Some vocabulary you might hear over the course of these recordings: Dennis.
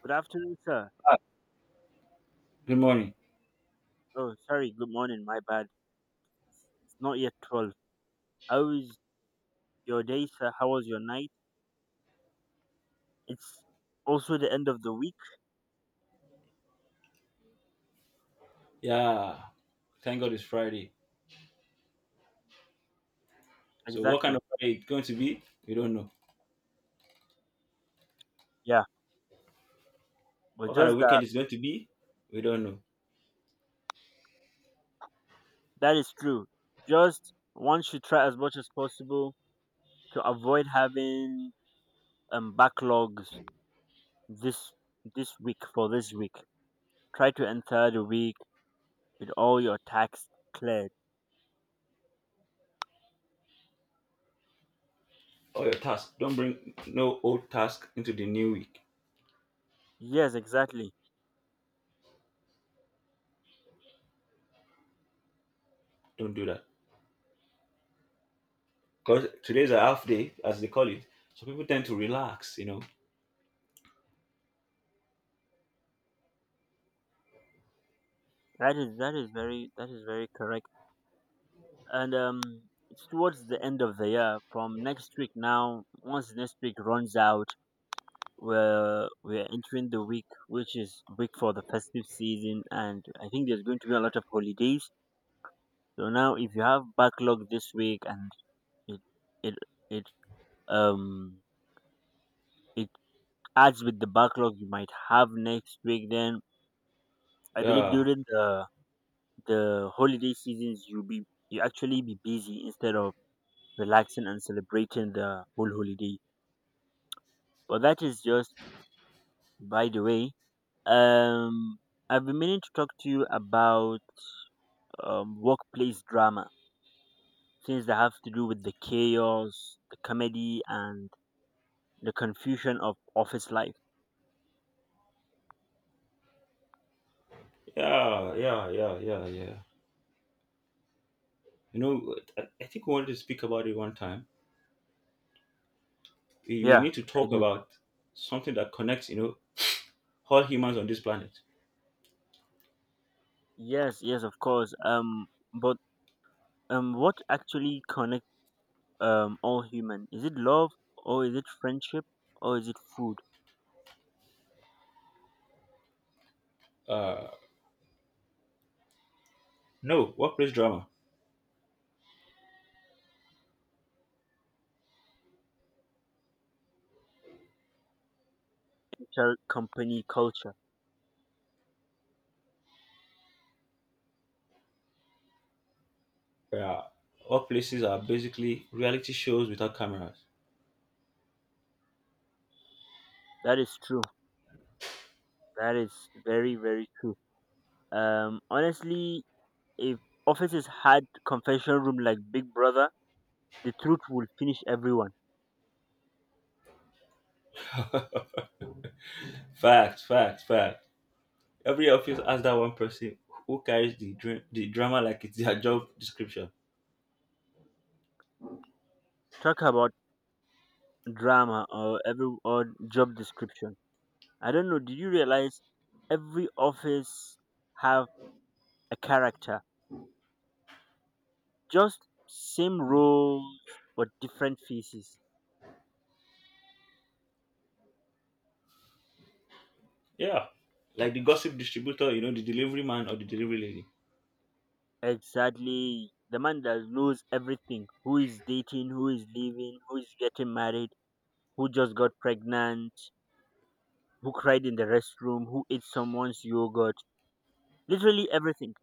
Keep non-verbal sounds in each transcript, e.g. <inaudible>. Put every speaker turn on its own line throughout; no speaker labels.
Good afternoon, sir.
Ah, good morning.
Oh, sorry. Good morning. My bad. It's not yet 12. How is your day, sir? How was your night? It's also the end of the week.
Yeah, thank God it's Friday. So, what kind
Exactly.
of Friday it's going to be? We don't know.
Yeah. But
What kind of
just that,
weekend it's going to be? We don't know.
that is true. Just one should try as much as possible to avoid having backlogs this this week for this week. Try to enter the week with all your tax cleared.
All your tasks. Don't bring no old task into the new week.
Yes, exactly.
Don't do that. Because today's a half day, as they call it. So people tend to relax, you know.
That is very correct. And it's towards the end of the year from next week. Now once next week runs out, we're entering the week which is week for the festive season, and I think there's going to be a lot of holidays. So now if you have backlog this week and it it it um it adds with the backlog you might have next week, then I believe
Yeah,
during the holiday seasons you be you actually be busy instead of relaxing and celebrating the whole holiday. But that is just by the way. Um, I've been meaning to talk to you about workplace drama, things that have to do with the chaos, the comedy, and the confusion of office life.
yeah, yeah, yeah, yeah, yeah. You know, I think we wanted to speak about it one time. We
Yeah,
need to
I
talk
did.
about something that connects, you know, all humans on this planet.
Yes, yes, of course. But What actually connect all human? Is it love, or is it friendship, or is it food,
Uh, no, workplace drama.
culture, company, culture?
Yeah. Workplaces are basically reality shows without cameras.
That is true. That is very, very true. Honestly, if offices had confession room like Big Brother, the truth would finish everyone.
<laughs> Fact, fact, fact. Every office has that one person who carries the drama like it's their job description.
Talk about drama or every or job description. I don't know. Did you realize every office have a character? Just same roles but different faces.
Yeah. Like the gossip distributor, you know, the delivery man or the delivery lady.
Exactly. The man that knows everything: who is dating, who is leaving, who is getting married, who just got pregnant, who cried in the restroom, who ate someone's yogurt. Literally everything.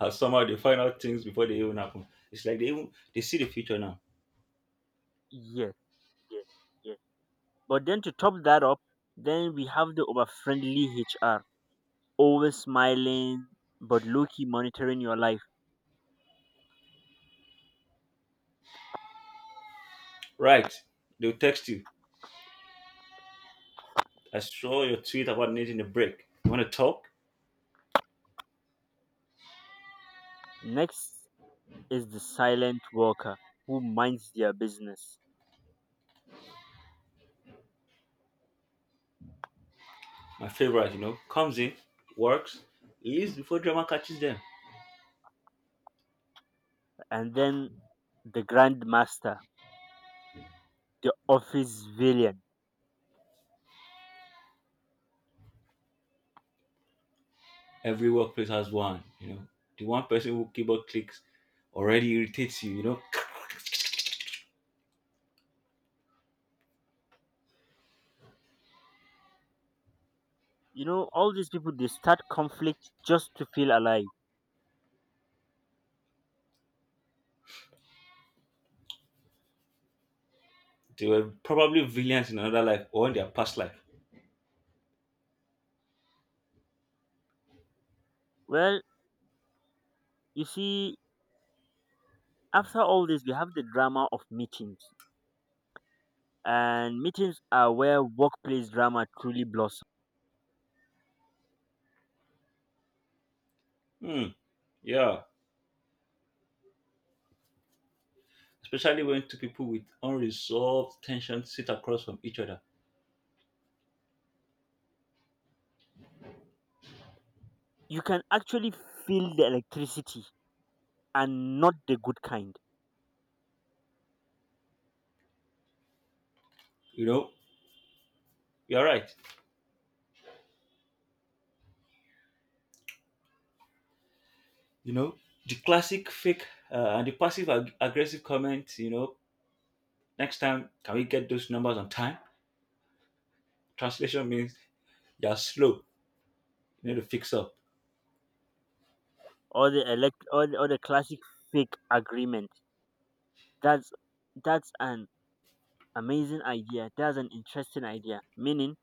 And somehow they find out things before they even happen. It's like they see the future now.
Yes, yes, yes. But then to top that up, then we have the over friendly HR, always smiling but low key monitoring your life.
Right. They'll text you. I saw your tweet about needing a break. You wanna talk?
Next is the silent worker who minds their business,
My favorite, you know, comes in, works, leaves before drama catches them.
and then the grandmaster, the office villain.
Every workplace has one. You know, the one person who keyboard clicks already irritates you. You know,
You know, all these people they start conflict just to feel alive.
<laughs> they were probably villains in another life or in their past life.
Well, you see, after all this, we have the drama of meetings, and meetings are where workplace drama truly blossoms.
Hmm. Yeah. Especially when two people with unresolved tension sit across from each other.
You can actually feel the electricity, and not the good kind.
You know, you're right. You know, the classic fake and the passive aggressive comment. You know, next time can we get those numbers on time? Translation means you're slow. You need to fix up.
Or the elect or the classic fake agreement. That's that's an amazing idea. That's an interesting idea, meaning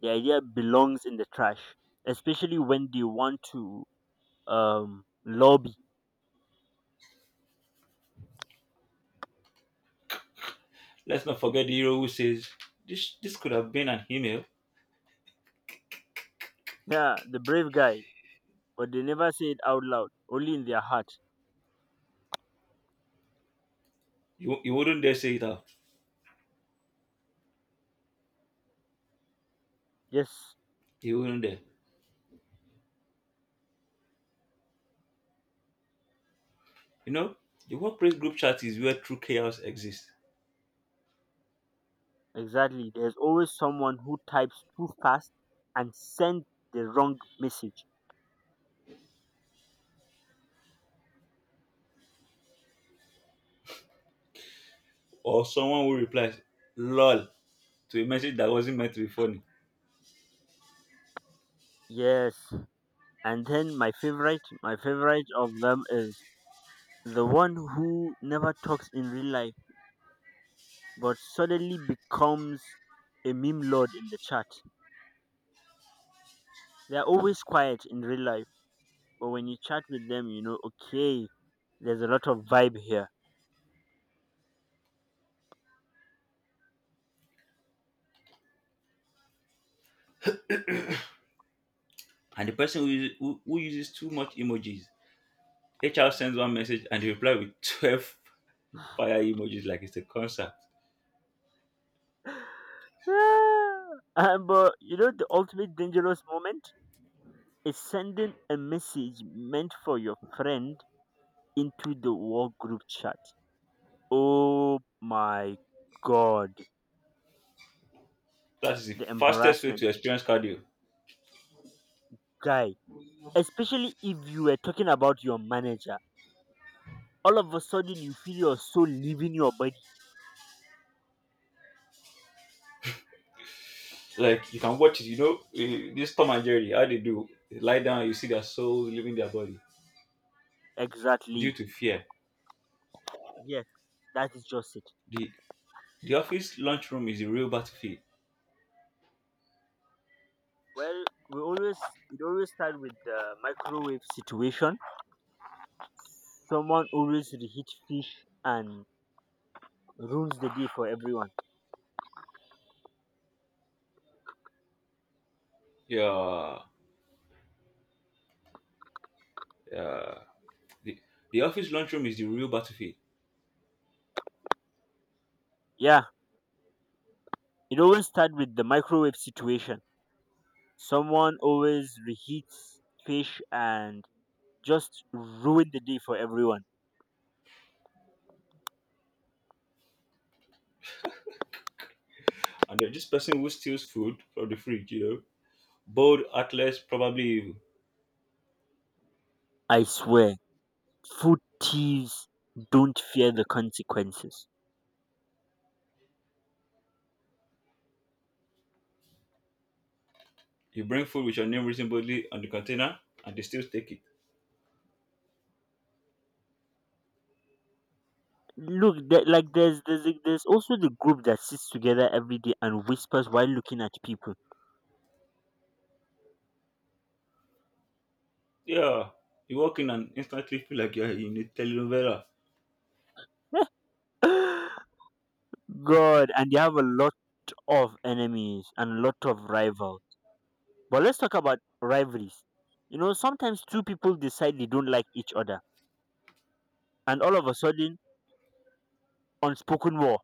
the idea belongs in the trash, especially when they want to lobby.
Let's not forget the hero who says this. This could have been an email.
Yeah, the brave guy, but they never say it out loud, only in their heart.
You wouldn't dare say it out.
Yes,
You wouldn't dare. You know, the workplace group chat is where true chaos exists.
exactly. There's always someone who types too fast and sends the wrong message.
Or someone who replies, lol, to a message that wasn't meant to be funny.
Yes. And then my favorite of them is the one who never talks in real life but suddenly becomes a meme lord in the chat. They're always quiet in real life, but when you chat with them, you know, okay, there's a lot of vibe here.
And the person who uses too much emojis, HR sends one message and they reply with 12 <laughs> fire emojis like it's a concert.
<laughs> And, but you know, the ultimate dangerous moment is sending a message meant for your friend into the war group chat. Oh my god,
That is the
the
fastest way
embarrassment.
to experience cardio.
Guy, especially if you were talking about your manager, all of a sudden you feel your soul leaving your body.
Like, you can watch it, you know, eh, this Tom and Jerry, how they do, they lie down, you see their souls leaving their body due
Exactly.
to fear.
Yes, that is just it.
The, the office lunchroom is the real battlefield.
Well, we always it always start with the microwave situation. Someone always reheat fish and ruins the day for everyone.
Yeah, yeah. The, the office lunchroom is the real battlefield.
Yeah, it always start with the microwave situation. Someone always reheats fish and just ruin the day for everyone.
And there's this person who steals food from the fridge, you know. Bold, heartless, probably evil.
I swear. Footies don't fear the consequences.
You bring food with your name written boldly on the container and they still take it.
Look, there's also the group that sits together every day and whispers while looking at people.
Yeah. You walk in and instantly feel like you're in a telenovela.
<laughs> God, and they have a lot of enemies and a lot of rivals. But let's talk about rivalries. You know, sometimes two people decide they don't like each other, and all of a sudden, unspoken war,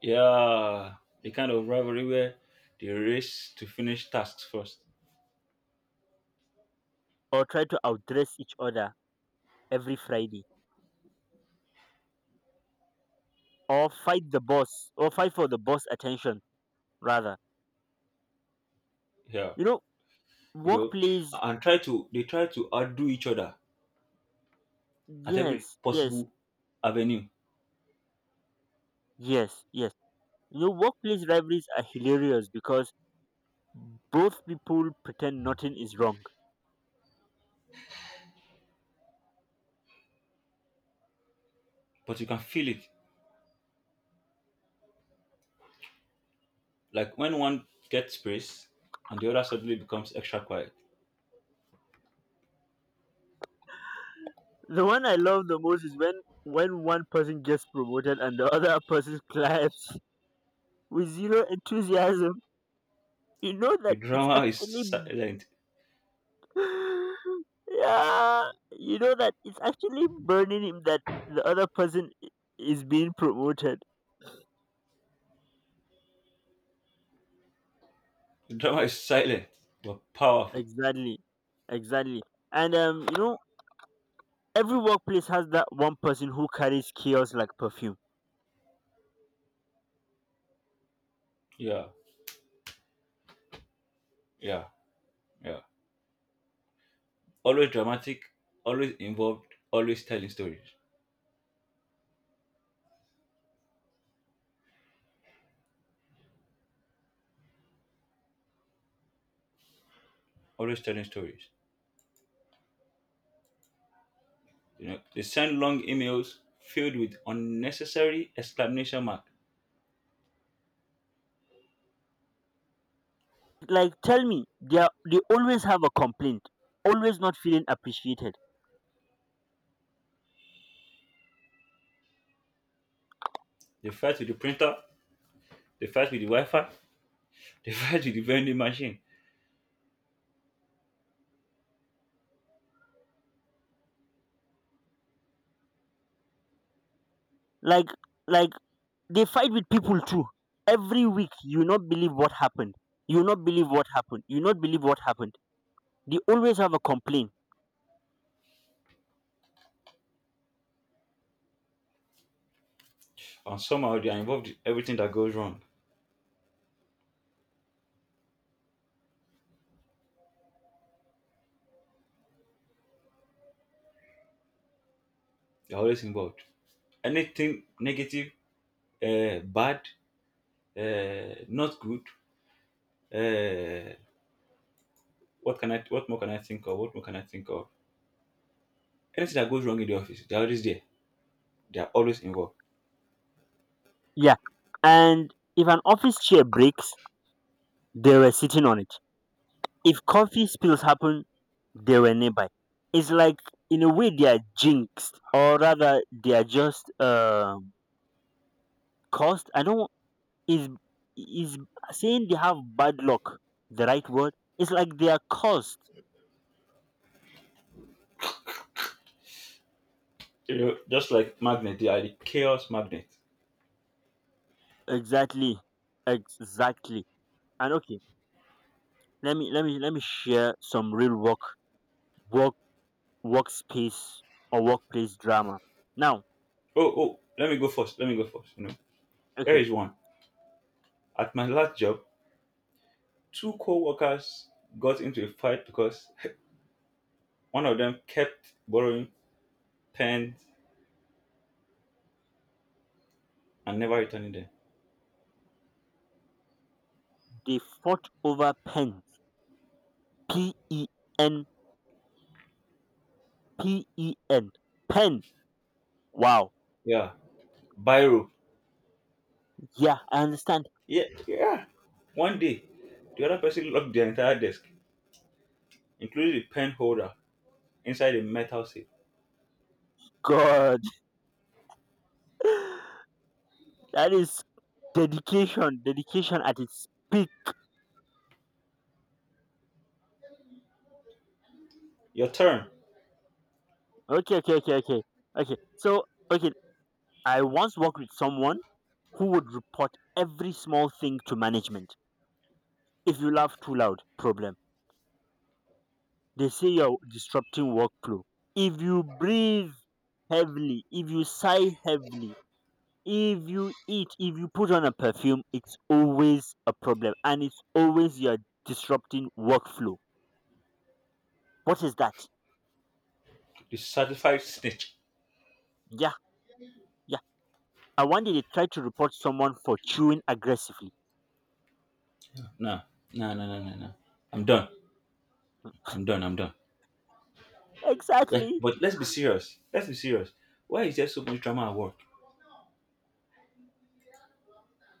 Yeah. The kind of rivalry where they race to finish tasks first.
or try to outdress each other every Friday, or fight the boss, or fight for the boss attention rather.
Yeah.
You know,
You know.
workplace.
And try to they try to outdo each other at every
Yes, yes,
possible avenue.
yes, yes. You know, workplace rivalries are hilarious because both people pretend nothing is wrong.
But you can feel it. Like when one gets praise and the other suddenly becomes extra quiet.
<laughs> The one I love the most is when one person gets promoted and the <laughs> other person claps <laughs> with zero enthusiasm. You know that
The
it's
drama is
actually
silent.
<laughs> <sighs> yeah, you know that it's actually burning him that the other person is being promoted.
The drama is silent but powerful.
Exactly, exactly. And you know, every workplace has that one person who carries chaos like perfume.
Yeah, yeah, yeah. Always dramatic, always involved, always telling stories. Always telling stories. You know, they send long emails filled with unnecessary exclamation mark.
Like, tell me, they are, they always have a complaint, always not feeling appreciated.
They fight with the printer, they fight with the Wi-Fi, they <laughs> fight with the vending machine.
Like, like they fight with people too. Every week, you not believe what happened. You not believe what happened. You not believe what happened. They always have a complaint.
And somehow they are involved in everything that goes wrong. They're always involved. Anything negative, bad, not good. Uh, what can I? What more can I think of? What more can I think of? Anything that goes wrong in the office, they're always there. They are always involved.
Yeah, and if an office chair breaks, they were sitting on it. If coffee spills happen, they were nearby. It's like in a way they are jinxed, or rather they are just cursed. I don't is is saying they have bad luck the right word? It's like they are cursed.
You know, just like magnet, they are the chaos magnet.
Exactly, exactly. And okay, let me share some real work workspace or workplace drama. Now,
Oh, oh, let me go first. Let me go first. You know, here
okay,
is one. At my last job, two co-workers got into a fight because <laughs> one of them kept borrowing pens and never returning them.
they fought over pens. P E N P E N pen. Wow.
Yeah, biro.
Yeah, I understand.
Yeah, yeah. One day, the other person locked their entire desk, including the pen holder, inside a metal safe.
God, <laughs> that is dedication. Dedication at its peak.
Your turn,
Okay, okay, okay, okay. Okay. Okay, I once worked with someone who would report every small thing to management. If you laugh too loud, problem. They say you're disrupting workflow. If you breathe heavily, if you sigh heavily, if you eat, if you put on a perfume, it's always a problem and it's always you're disrupting workflow. What is that?
you certified snitch.
Yeah, yeah. And one day they tried to report someone for chewing aggressively.
No, no, no, no, no, no. I'm done. I'm done. I'm done. Like,
Exactly.
but let's be serious. Let's be serious. Why is there so much drama at work?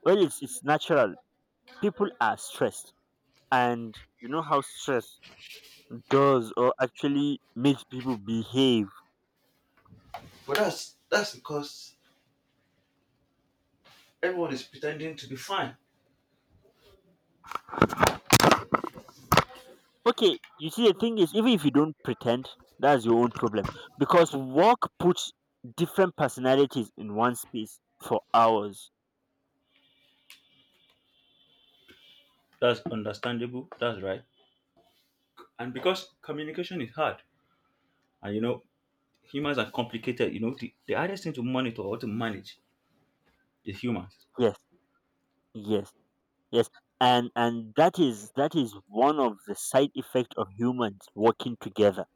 Well, it's natural. People are stressed. And you know how stress does or actually makes people behave.
But that's because everyone is pretending to be fine.
Okay, you see, the thing is, even if you don't pretend, that's your own problem. Because work puts different personalities in one space for hours.
That's understandable. That's right. And because communication is hard, and you know humans are complicated. You know the hardest thing to monitor or to manage is humans.
Yes, yes, yes. And that is one of the side effects of humans working together.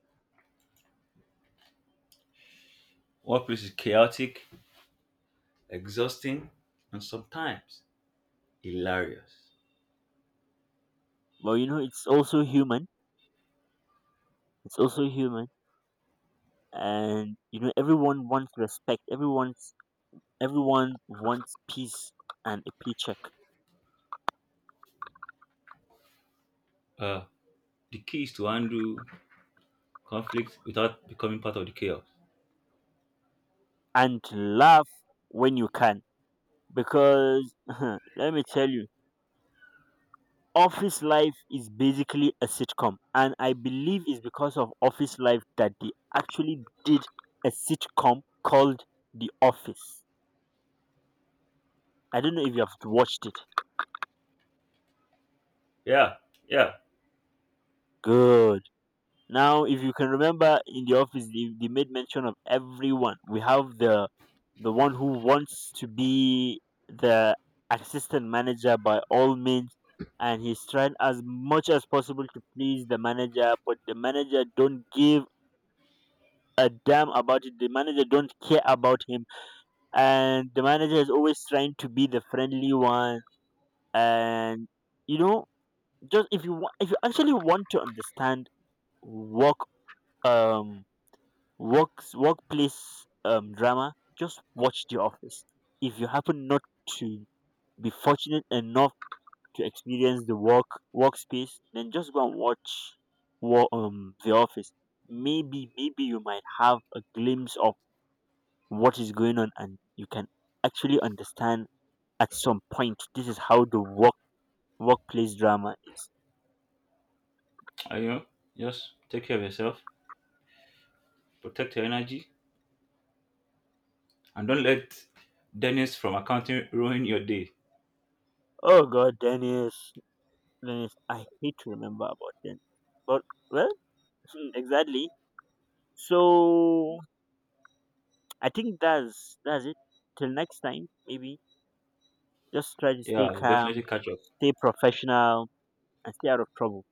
Workplace is chaotic, exhausting, and sometimes hilarious.
Well, you know, it's also human. It's also human, and you know, everyone wants respect. Everyone wants peace and a paycheck,
Uh, the key is to handle conflict without becoming part of the chaos.
and to laugh when you can. Because <laughs> let me tell you, office life is basically a sitcom, and I believe it's because of office life that they actually did a sitcom called The Office. I don't know if you have watched it.
Yeah, yeah.
Good. Now, if you can remember in the office, they made mention of everyone. We have the one who wants to be the assistant manager by all means, and he's trying as much as possible to please the manager, but the manager don't give a damn about it. The manager don't care about him, and the manager is always trying to be the friendly one. And you know, just if you want, if you actually want to understand work um workplace drama, just watch The Office. If you happen not to be fortunate enough to experience the workspace, then just go and watch The Office. Maybe maybe you might have a glimpse of what is going on, and you can actually understand at some point. This is how the workplace drama is.
And, you know, just take care of yourself, protect your energy, and don't let Dennis from accounting ruin your day.
Oh God, Dennis, Dennis, I hate to remember about Dennis, but well, <laughs> exactly. So I think that's it. Till next time, maybe just try to stay
Yeah, we'll
calm,
definitely catch up.
stay professional, and stay out of trouble.